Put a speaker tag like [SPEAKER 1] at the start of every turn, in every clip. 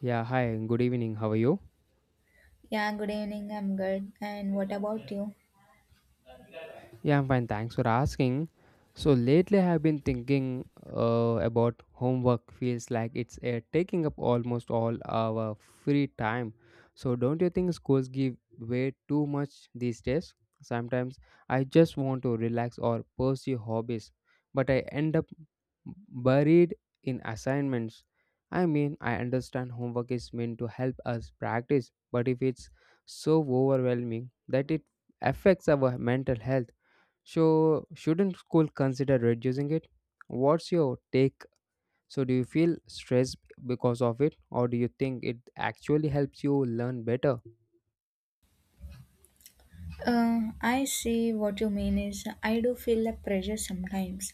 [SPEAKER 1] Yeah, hi, good evening. How are you?
[SPEAKER 2] Yeah, good evening. I'm good. And what about you?
[SPEAKER 1] Yeah, I'm fine. Thanks for asking. So lately, I've been thinking about homework. Feels like it's taking up almost all our free time. So don't you think schools give way too much these days? Sometimes I just want to relax or pursue hobbies, but I end up buried in assignments. I mean, I understand homework is meant to help us practice, but if it's so overwhelming that it affects our mental health, so shouldn't school consider reducing it? What's your take? So, do you feel stressed because of it, or do you think it actually helps you learn better?
[SPEAKER 2] I see what you mean is I do feel the pressure sometimes,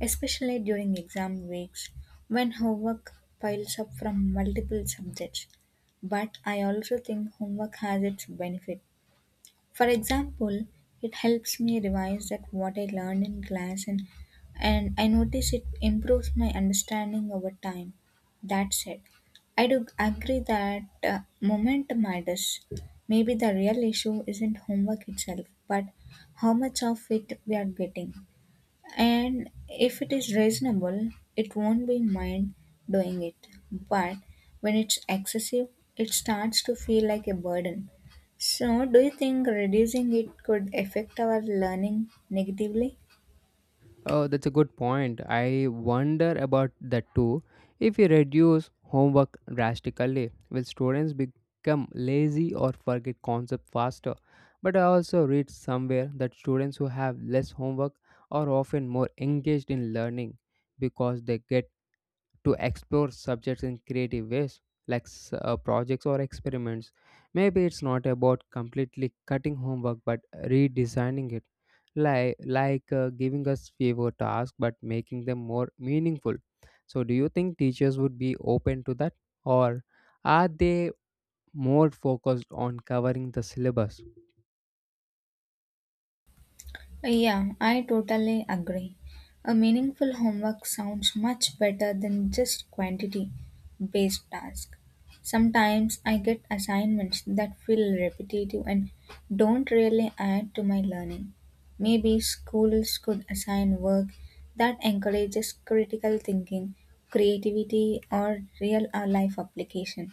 [SPEAKER 2] especially during exam weeks when homework piles up from multiple subjects. But I also think homework has its benefit. For example, it helps me revise that what I learned in class and I notice it improves my understanding over time. That said, I do agree that momentum matters. Maybe the real issue isn't homework itself, but how much of it we are getting, and if it is reasonable, it won't be mind doing it. But when it's excessive, it starts to feel like a burden. So, do you think reducing it could affect our learning negatively?
[SPEAKER 1] Oh, that's a good point. I wonder about that too. If we reduce homework drastically, will students become lazy or forget concepts faster? But I also read somewhere that students who have less homework are often more engaged in learning because they get to explore subjects in creative ways, like projects or experiments. Maybe it's not about completely cutting homework but redesigning it, like giving us fewer tasks but making them more meaningful. So, do you think teachers would be open to that, or are they more focused on covering the syllabus?
[SPEAKER 2] Yeah, I totally agree. A meaningful homework sounds much better than just quantity based tasks. Sometimes I get assignments that feel repetitive and don't really add to my learning. Maybe schools could assign work that encourages critical thinking, creativity, or real life application.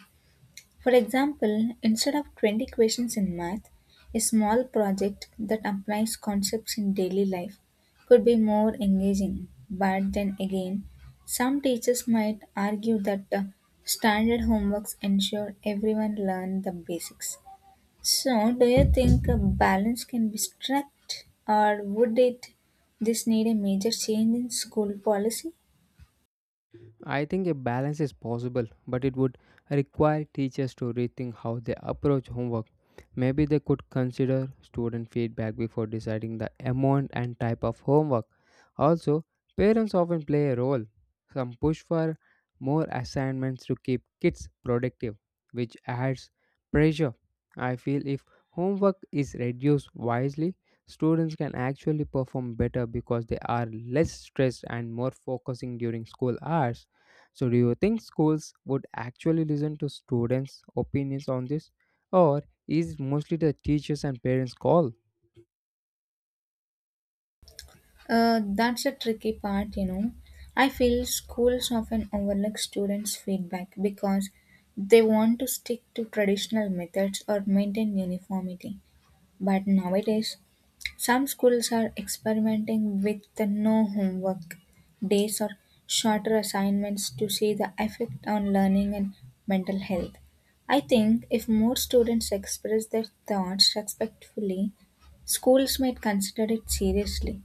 [SPEAKER 2] For example, instead of 20 questions in math, a small project that applies concepts in daily life could be more engaging. But then again, some teachers might argue that standard homeworks ensure everyone learn the basics. So, do you think a balance can be struck, or would it this need a major change in school policy?
[SPEAKER 1] I think a balance is possible, but it would require teachers to rethink how they approach homework. Maybe they could consider student feedback before deciding the amount and type of homework. Also, parents often play a role. Some push for more assignments to keep kids productive, which adds pressure. I feel if homework is reduced wisely, students can actually perform better because they are less stressed and more focusing during school hours. So, do you think schools would actually listen to students' opinions on this, or is mostly the teachers and parents' call?
[SPEAKER 2] That's a tricky part, you know. I feel schools often overlook students' feedback because they want to stick to traditional methods or maintain uniformity. But nowadays, some schools are experimenting with the no homework days or shorter assignments to see the effect on learning and mental health. I think if more students express their thoughts respectfully, schools might consider it seriously.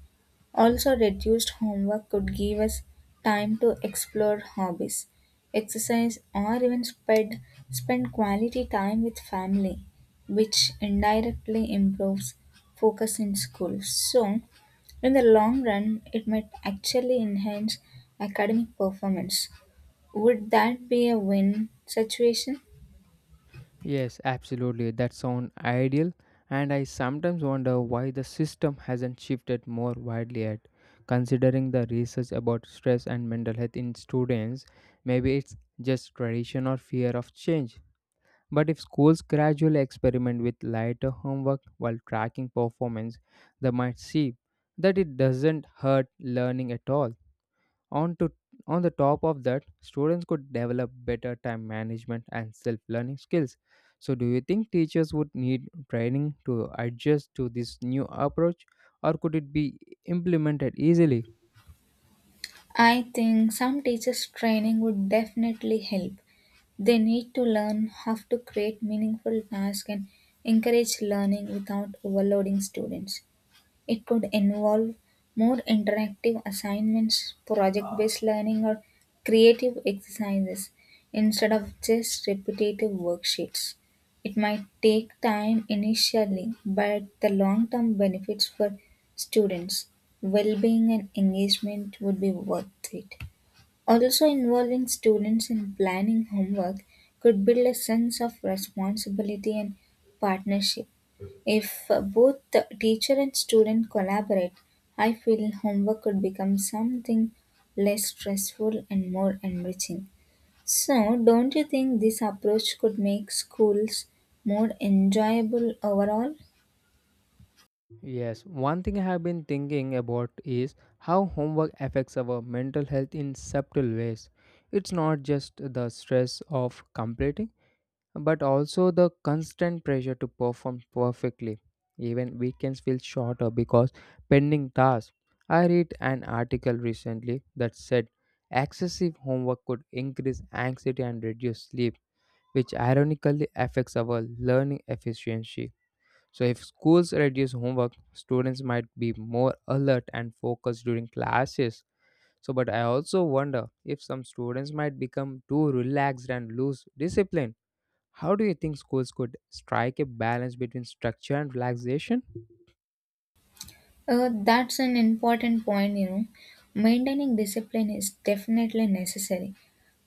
[SPEAKER 2] Also, reduced homework could give us time to explore hobbies, exercise, or even spend quality time with family, which indirectly improves focus in school. So, in the long run, it might actually enhance academic performance. Would that be a win situation?
[SPEAKER 1] Yes, absolutely. That sounds ideal, and I sometimes wonder why the system hasn't shifted more widely yet. Considering the research about stress and mental health in students, maybe it's just tradition or fear of change. But if schools gradually experiment with lighter homework while tracking performance, they might see that it doesn't hurt learning at all. On, to, on the top of that, students could develop better time management and self learning skills. So, do you think teachers would need training to adjust to this new approach, or could it be implemented easily?
[SPEAKER 2] I think some teachers' training would definitely help. They need to learn how to create meaningful tasks and encourage learning without overloading students. It could involve more interactive assignments, project based learning, or creative exercises instead of just repetitive worksheets. It might take time initially, but the long term benefits for students, well being, and engagement would be worth it. Also involving students in planning homework could build a sense of responsibility and partnership. If both the teacher and student collaborate, I feel homework could become something less stressful and more enriching. So, don't you think this approach could make schools more enjoyable overall?
[SPEAKER 1] Yes, one thing I have been thinking about is how homework affects our mental health in subtle ways. It's not just the stress of completing, but also the constant pressure to perform perfectly. Even weekends feel shorter because pending tasks. I read an article recently that said excessive homework could increase anxiety and reduce sleep, which ironically affects our learning efficiency. So, if schools reduce homework, students might be more alert and focused during classes. So, but I also wonder if some students might become too relaxed and lose discipline. How do you think schools could strike a balance between structure and relaxation?
[SPEAKER 2] That's an important point, you know. Maintaining discipline is definitely necessary,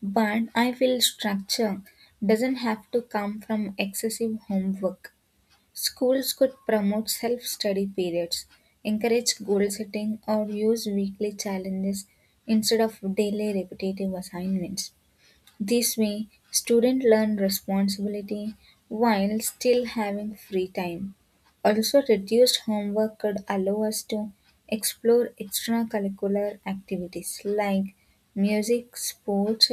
[SPEAKER 2] but I feel structure doesn't have to come from excessive homework. Schools could promote self study periods, encourage goal setting, or use weekly challenges instead of daily repetitive assignments. This way, students learn responsibility while still having free time. Also, reduced homework could allow us to explore extracurricular activities like music, sports,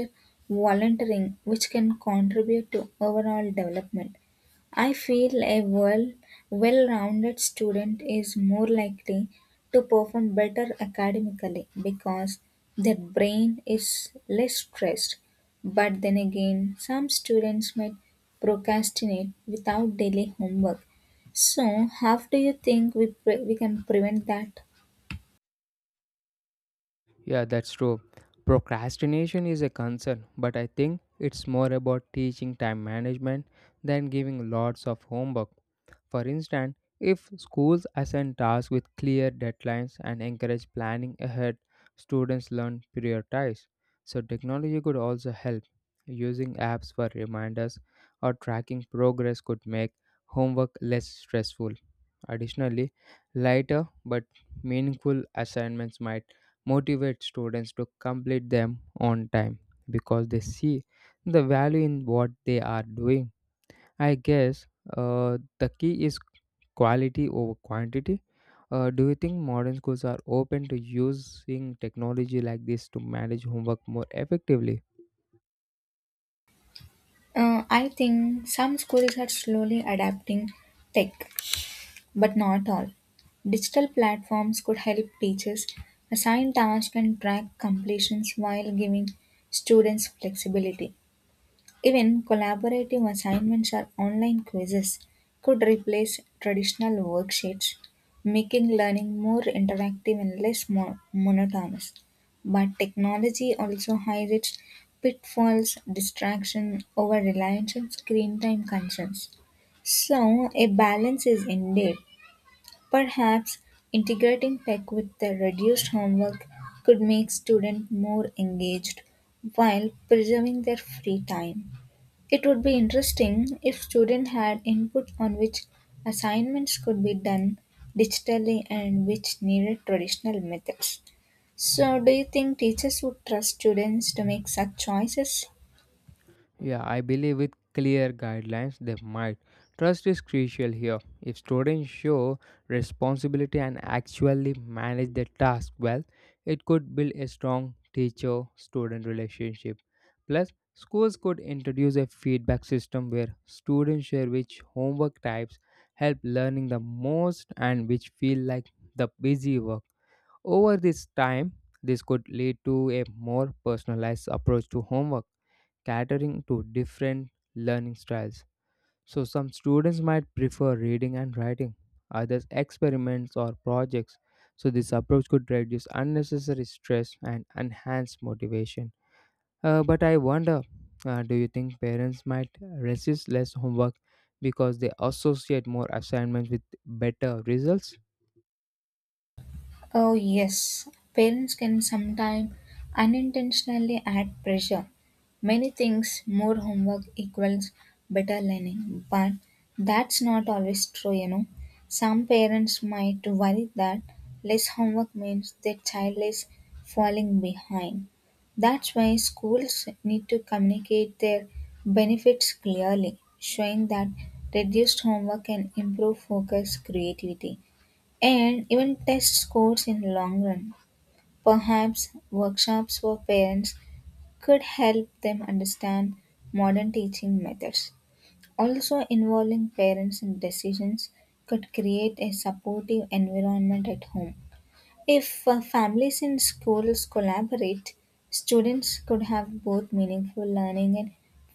[SPEAKER 2] volunteering, which can contribute to overall development. I feel a well rounded student is more likely to perform better academically because their brain is less stressed. But then again, some students might procrastinate without daily homework. So, how do you think we can prevent that?
[SPEAKER 1] Yeah, that's true. Procrastination is a concern, but I think it's more about teaching time management than giving lots of homework. For instance, if schools assign tasks with clear deadlines and encourage planning ahead, students learn prioritize. So, technology could also help. Using apps for reminders or tracking progress could make homework less stressful. Additionally, lighter but meaningful assignments might motivate students to complete them on time because they see the value in what they are doing. I guess the key is quality over quantity. Do you think modern schools are open to using technology like this to manage homework more effectively?
[SPEAKER 2] I think some schools are slowly adapting tech, but not all. Digital platforms could help teachers assign tasks and track completions while giving students flexibility. Even collaborative assignments or online quizzes could replace traditional worksheets, making learning more interactive and less monotonous. But technology also highlights pitfalls, distraction, over reliance, and screen time concerns. So, a balance is indeed. Perhaps integrating tech with the reduced homework could make students more engaged while preserving their free time. It would be interesting if students had input on which assignments could be done digitally and which needed traditional methods. So, do you think teachers would trust students to make such choices?
[SPEAKER 1] Yeah, I believe with clear guidelines they might. Trust is crucial here. If students show responsibility and actually manage their task well, it could build a strong teacher student relationship. Plus, schools could introduce a feedback system where students share which homework types help learning the most and which feel like the busy work. Over this time, this could lead to a more personalized approach to homework catering to different learning styles. So, some students might prefer reading and writing, others, experiments or projects. So, this approach could reduce unnecessary stress and enhance motivation. But I wonder, do you think parents might resist less homework because they associate more assignments with better results?
[SPEAKER 2] Oh, yes. Parents can sometimes unintentionally add pressure. Many things, more homework equals better learning, but that's not always true, you know. Some parents might worry that less homework means their child is falling behind. That's why schools need to communicate their benefits clearly, showing that reduced homework can improve focus, creativity and even test scores in long run. Perhaps workshops for parents could help them understand modern teaching methods. Also involving parents in decisions could create a supportive environment at home. If families and schools collaborate, students could have both meaningful learning and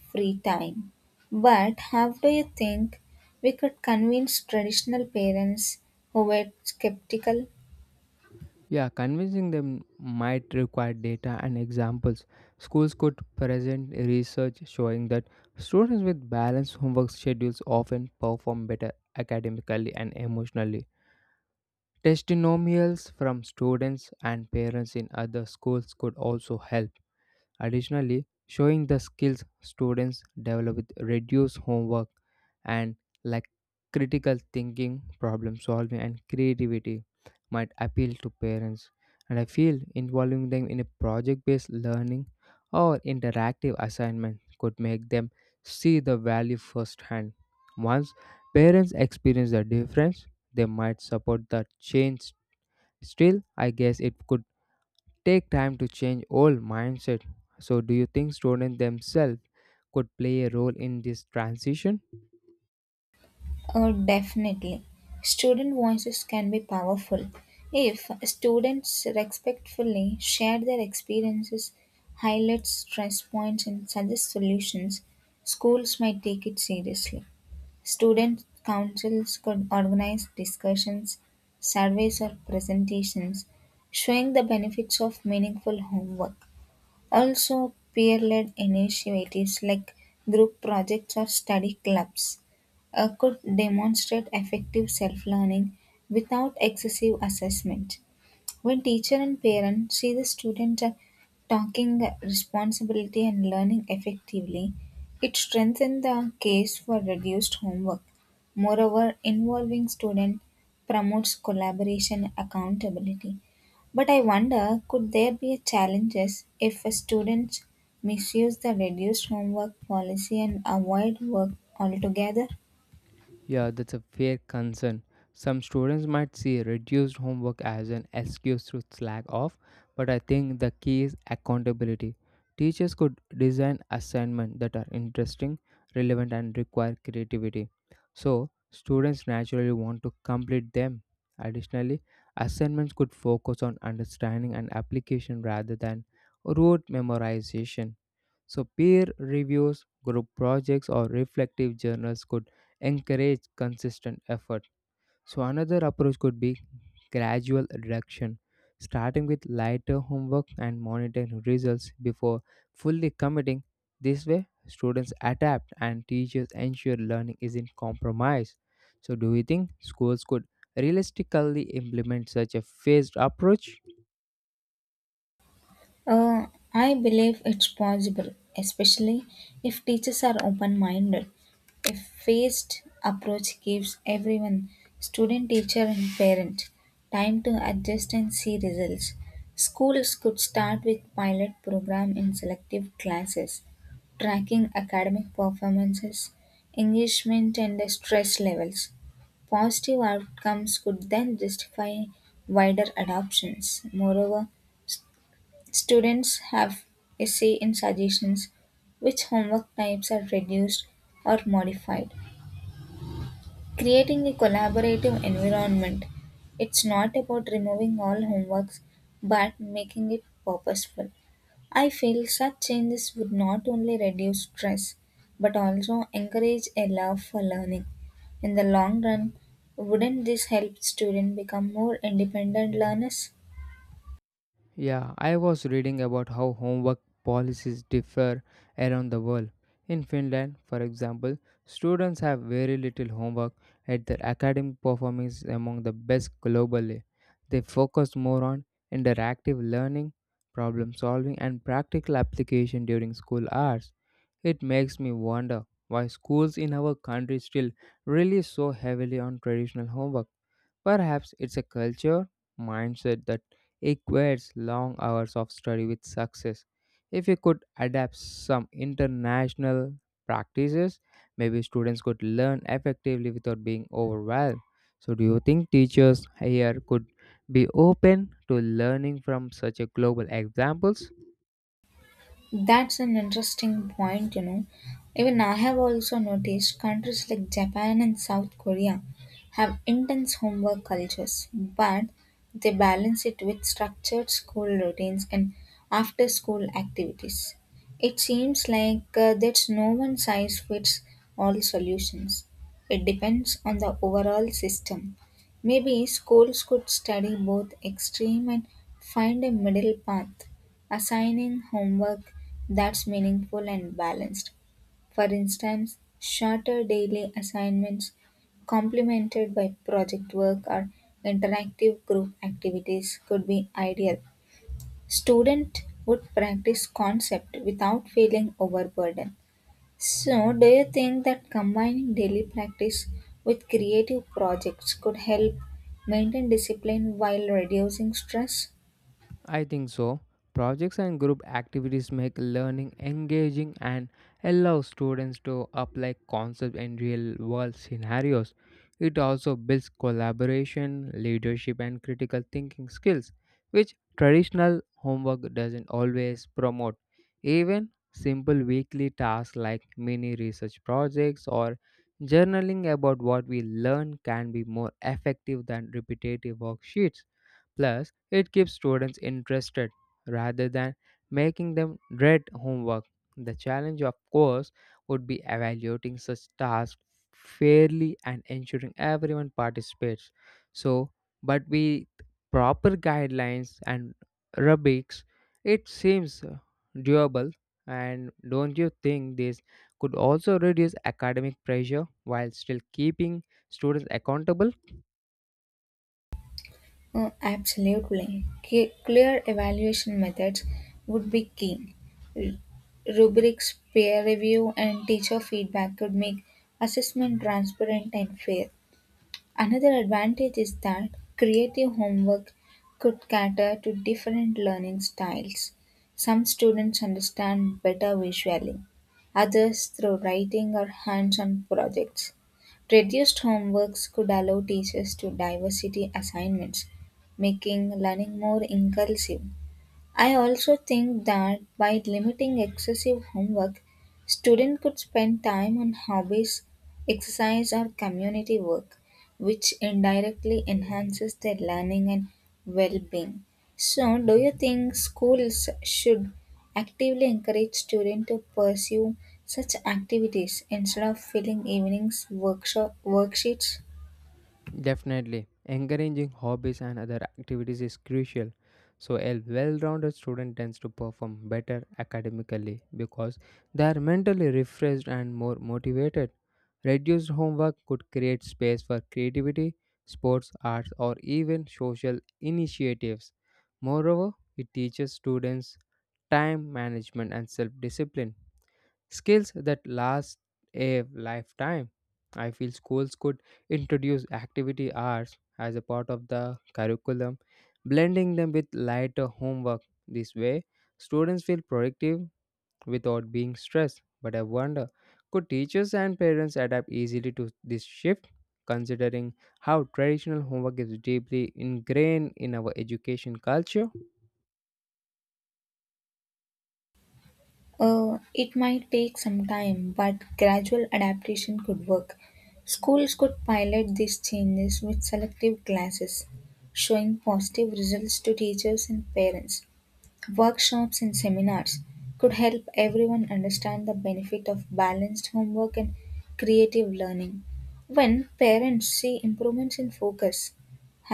[SPEAKER 2] free time. But how do you think we could convince traditional parents who were skeptical?
[SPEAKER 1] Yeah, convincing them might require data and examples. Schools could present research showing that students with balanced homework schedules often perform better academically and emotionally. Testimonials from students and parents in other schools could also help. Additionally, showing the skills students develop with reduced homework and like critical thinking, problem solving, and creativity might appeal to parents. And I feel involving them in a project based learning or interactive assignment could make them see the value firsthand. Once parents experience the difference, they might support the change. Still, I guess it could take time to change old mindset. So do you think students themselves could play a role in this transition?
[SPEAKER 2] Oh, definitely. Student voices can be powerful. If students respectfully share their experiences, highlight stress points, and suggest solutions, schools might take it seriously. Student councils could organize discussions, surveys, or presentations showing the benefits of meaningful homework. Also, peer-led initiatives like group projects or study clubs could demonstrate effective self-learning without excessive assessment. When teacher and parent see the student talking responsibility and learning effectively, it strengthens the case for reduced homework. Moreover, involving student promotes collaboration and accountability. But I wonder, could there be challenges if a students misuse the reduced homework policy and avoid work altogether?
[SPEAKER 1] Yeah, that's a fair concern. Some students might see reduced homework as an excuse to slack off, but I think the key is accountability. Teachers could design assignments that are interesting, relevant, and require creativity. So, students naturally want to complete them. Additionally, assignments could focus on understanding and application rather than rote memorization. So, peer reviews, group projects, or reflective journals could encourage consistent effort. So, another approach could be gradual reduction, starting with lighter homework and monitoring results before fully committing. This way, students adapt and teachers ensure learning isn't compromised. So, do you think schools could realistically implement such a phased approach?
[SPEAKER 2] Uh, I believe it's possible, especially if teachers are open minded. A phased approach gives everyone, student, teacher, and parent, time to adjust and see results. Schools could start with pilot program in selective classes, tracking academic performances, engagement, and stress levels. Positive outcomes could then justify wider adoptions. Moreover, students have a say in suggestions, which homework types are reduced or modified, creating a collaborative environment. It's not about removing all homeworks but making it purposeful. I feel such changes would not only reduce stress but also encourage a love for learning. In the long run, wouldn't this help students become more independent learners?
[SPEAKER 1] Yeah, I was reading about how homework policies differ around the world. In Finland, for example, students have very little homework, and their academic performance is among the best globally. They focus more on interactive learning, problem solving, and practical application during school hours. It makes me wonder why schools in our country still rely so heavily on traditional homework. Perhaps it's a culture mindset that equates long hours of study with success. If we could adapt some international practices, maybe students could learn effectively without being overwhelmed. So, do you think teachers here could be open to learning from such a global examples?
[SPEAKER 2] That's an interesting point, you know. Even I have also noticed countries like Japan and South Korea have intense homework cultures, but they balance it with structured school routines and after school activities. It seems like there's no one size fits all solutions. It depends on the overall system. Maybe schools could study both extreme and find a middle path assigning homework that's meaningful and balanced. For instance, shorter daily assignments complemented by project work or interactive group activities could be ideal. Student would practice concept without feeling overburdened. So, do you think that combining daily practice with creative projects could help maintain discipline while reducing stress?
[SPEAKER 1] I think so. Projects and group activities make learning engaging and allow students to apply concepts in real world scenarios. It also builds collaboration, leadership, and critical thinking skills, which traditional homework doesn't always promote. Even simple weekly tasks like mini research projects or journaling about what we learn can be more effective than repetitive worksheets. Plus, it keeps students interested rather than making them dread homework. The challenge, of course, would be evaluating such tasks fairly and ensuring everyone participates. So, but with proper guidelines and rubrics, it seems doable. And don't you think this could also reduce academic pressure while still keeping students accountable?
[SPEAKER 2] Absolutely. Clear evaluation methods would be key. R- Rubrics, peer review, and teacher feedback could make assessment transparent and fair. Another advantage is that creative homework could cater to different learning styles. Some students understand better visually, others through writing or hands on projects. Reduced homeworks could allow teachers to diversity assignments, making learning more inclusive. I also think that by limiting excessive homework, students could spend time on hobbies, exercise, or community work, which indirectly enhances their learning and well being. So, do you think schools should actively encourage students to pursue such activities instead of filling evenings workshop worksheets?
[SPEAKER 1] Definitely, encouraging hobbies and other activities is crucial. So, a well rounded student tends to perform better academically because they are mentally refreshed and more motivated. Reduced homework could create space for creativity, sports, arts, or even social initiatives. Moreover, it teaches students time management and self discipline skills that last a lifetime. I feel schools could introduce activity hours as a part of the curriculum, blending them with lighter homework. This way, students feel productive without being stressed. But I wonder, could teachers and parents adapt easily to this shift, considering how traditional homework is deeply ingrained in our education culture?
[SPEAKER 2] It might take some time, but gradual adaptation could work. Schools could pilot these changes with selective classes, showing positive results to teachers and parents. Workshops and seminars could help everyone understand the benefit of balanced homework and creative learning. When parents see improvements in focus,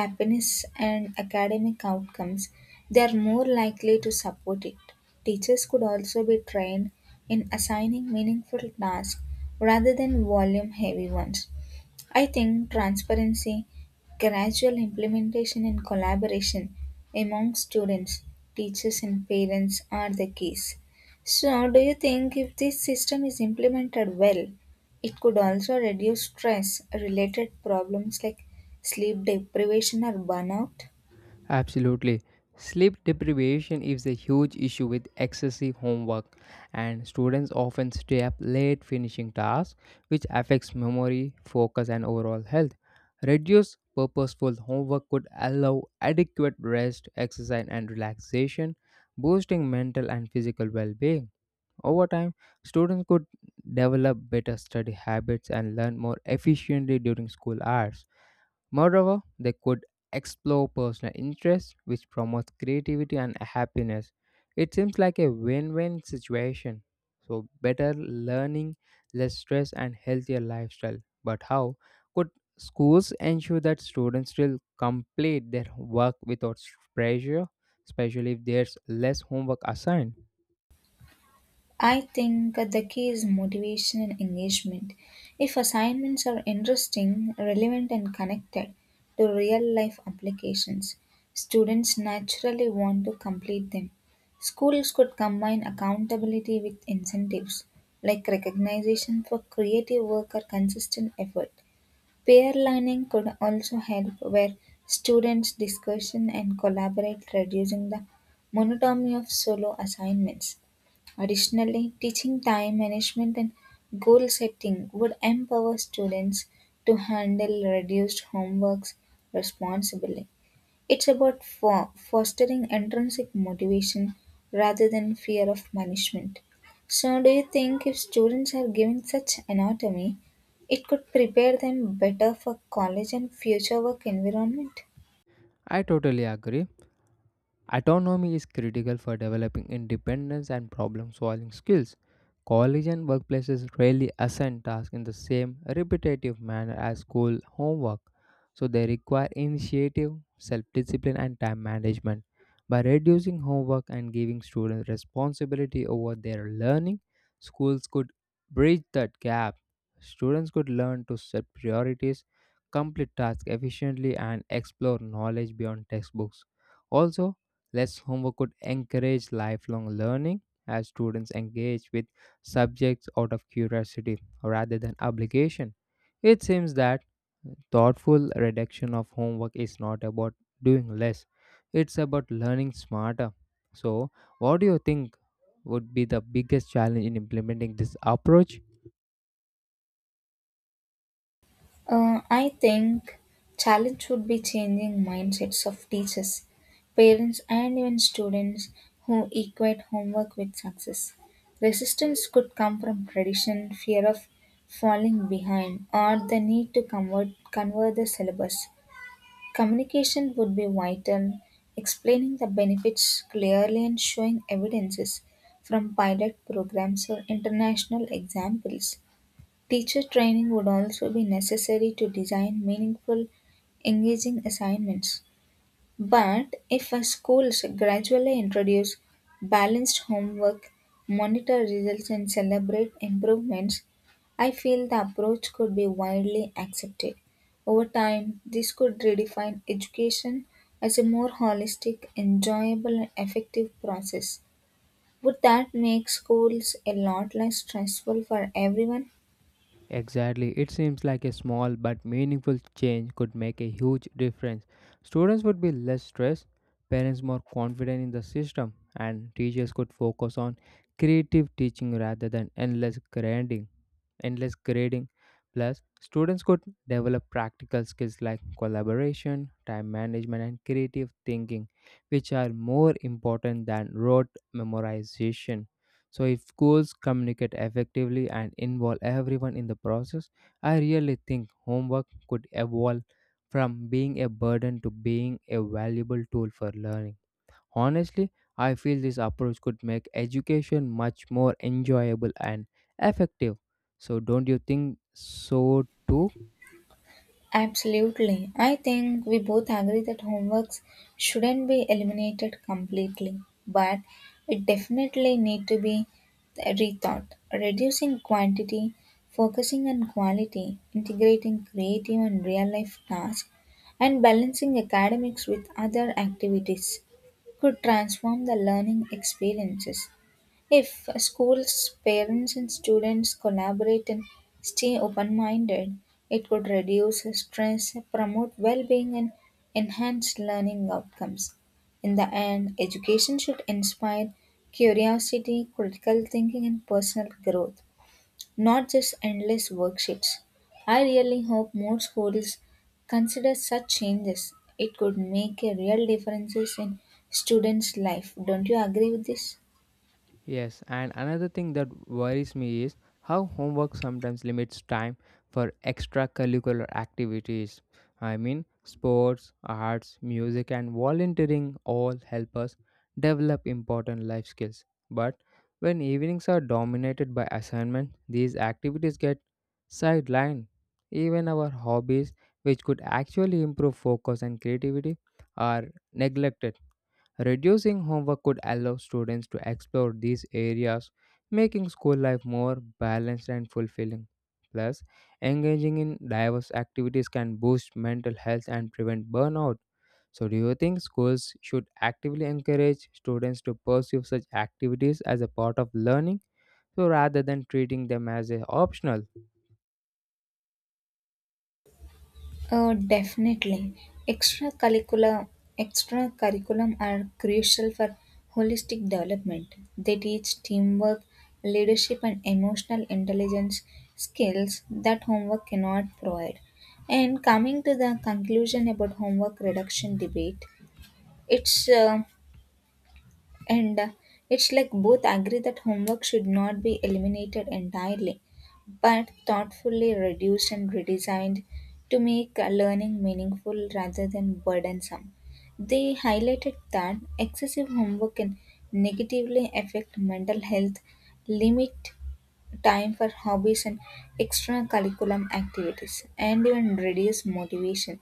[SPEAKER 2] happiness, and academic outcomes, they are more likely to support it. Teachers could also be trained in assigning meaningful tasks rather than volume heavy ones. I think transparency, gradual implementation, and collaboration among students, teachers, and parents are the keys. So, do you think if this system is implemented well, it could also reduce stress related problems like sleep deprivation or burnout?
[SPEAKER 1] Absolutely. Sleep deprivation is a huge issue with excessive homework, and students often stay up late finishing tasks, which affects memory, focus, and overall health. Reduced purposeful homework could allow adequate rest, exercise, and relaxation, boosting mental and physical well being. Over time, students could develop better study habits and learn more efficiently during school hours. Moreover, they could explore personal interests, which promotes creativity and happiness. It seems like a win win situation. So, better learning, less stress, and healthier lifestyle. But how could schools ensure that students will complete their work without pressure, especially if there's less homework assigned?
[SPEAKER 2] I think the key is motivation and engagement. If assignments are interesting, relevant, and connected to real life applications, students naturally want to complete them. Schools could combine accountability with incentives like recognition for creative work or consistent effort. Peer learning could also help where students discussion and collaborate, reducing the monotony of solo assignments. Additionally, teaching time management and goal setting would empower students to handle reduced homeworks responsibly. It's about fostering intrinsic motivation rather than fear of punishment. So, do you think if students are given such anatomy, it could prepare them better for college and future work environment?
[SPEAKER 1] I totally agree. Autonomy is critical for developing independence and problem solving skills. College and workplaces rarely assign tasks in the same repetitive manner as school homework, so they require initiative, self discipline, and time management. By reducing homework and giving students responsibility over their learning, schools could bridge that gap. Students could learn to set priorities, complete tasks efficiently, and explore knowledge beyond textbooks. Also, less homework could encourage lifelong learning as students engage with subjects out of curiosity rather than obligation. It seems that thoughtful reduction of homework is not about doing less, it's about learning smarter. So, what do you think would be the biggest challenge in implementing this approach?
[SPEAKER 2] I think challenge would be changing mindsets of teachers, parents, and even students who equate homework with success. Resistance could come from tradition, fear of falling behind, or the need to convert the syllabus. Communication would be vital, explaining the benefits clearly and showing evidences from pilot programs or international examples. Teacher training would also be necessary to design meaningful, engaging assignments. But if a schools gradually introduce balanced homework, monitor results, and celebrate improvements, I feel the approach could be widely accepted. Over time, this could redefine education as a more holistic, enjoyable, and effective process. Would that make schools a lot less stressful for everyone?
[SPEAKER 1] Exactly, it seems like a small but meaningful change could make a huge difference. Students would be less stressed, parents more confident in the system, and teachers could focus on creative teaching rather than endless grading. Plus, students could develop practical skills like collaboration, time management, and creative thinking, which are more important than rote memorization. So, if schools communicate effectively and involve everyone in the process, I really think homework could evolve from being a burden to being a valuable tool for learning. Honestly, I feel this approach could make education much more enjoyable and effective. So, don't you think so too?
[SPEAKER 2] Absolutely. I think we both agree that homeworks shouldn't be eliminated completely, but it definitely need to be rethought. Reducing quantity, focusing on quality, integrating creative and real life tasks, and balancing academics with other activities could transform the learning experiences. If schools, parents, and students collaborate and stay open minded, it could reduce stress, promote well being, and enhance learning outcomes. In the end, education should inspire curiosity, critical thinking, and personal growth, not just endless worksheets. I really hope more schools consider such changes. It could make a real difference in students' life. Don't you agree with this?
[SPEAKER 1] Yes, and another thing that worries me is how homework sometimes limits time for extracurricular activities. I mean, sports, arts, music, and volunteering all help us develop important life skills. But when evenings are dominated by assignment, these activities get sidelined. Even our hobbies, which could actually improve focus and creativity, are neglected. Reducing homework could allow students to explore these areas, making school life more balanced and fulfilling. Plus, engaging in diverse activities can boost mental health and prevent burnout. So, do you think schools should actively encourage students to pursue such activities as a part of learning, so rather than treating them as a optional?
[SPEAKER 2] Oh, definitely. Extracurricular extracurriculum are crucial for holistic development. They teach teamwork, leadership, and emotional intelligence skills that homework cannot provide. And coming to the conclusion about homework reduction debate, it's uh, and uh, it's like both agree that homework should not be eliminated entirely, but thoughtfully reduced and redesigned to make learning meaningful rather than burdensome. They highlighted that excessive homework can negatively affect mental health, limit time for hobbies and extracurricular activities, and even reduce motivation.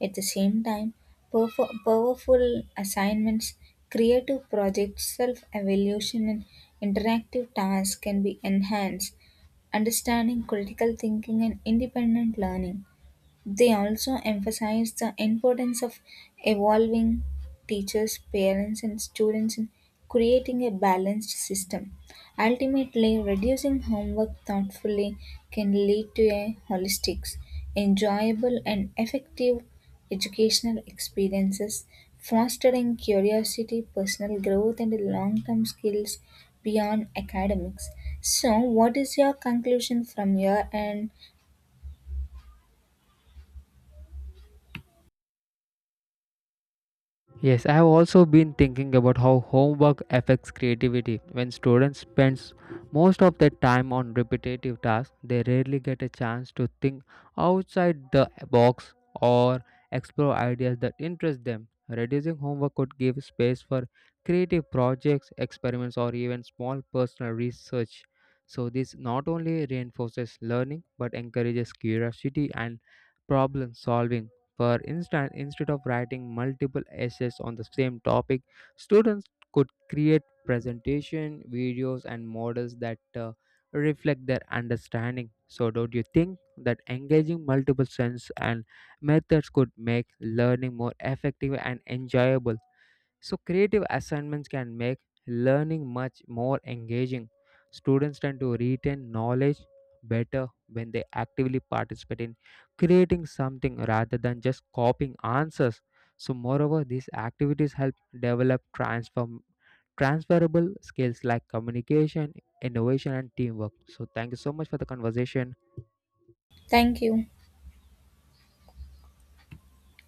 [SPEAKER 2] At the same time, powerful assignments, creative projects, self evaluation, and interactive tasks can be enhanced, understanding critical thinking and independent learning. They also emphasize the importance of evolving teachers, parents, and students in creating a balanced system. Ultimately, reducing homework thoughtfully can lead to a holistic, enjoyable, and effective educational experiences, fostering curiosity, personal growth, and long term skills beyond academics. So, what is your conclusion from your end?
[SPEAKER 1] Yes, I have also been thinking about how homework affects creativity. When students spend most of their time on repetitive tasks, they rarely get a chance to think outside the box or explore ideas that interest them. Reducing homework could give space for creative projects, experiments, or even small personal research. So, this not only reinforces learning but encourages curiosity and problem solving. For instance, instead of writing multiple essays on the same topic, students could create presentation, videos, and models that reflect their understanding. So, don't you think that engaging multiple sense and methods could make learning more effective and enjoyable? So, creative assignments can make learning much more engaging. Students tend to retain knowledge better when they actively participate in creating something rather than just copying answers. So, moreover, these activities help develop transform transferable skills like communication, innovation, and teamwork. So, thank you so much for the conversation.
[SPEAKER 2] Thank you.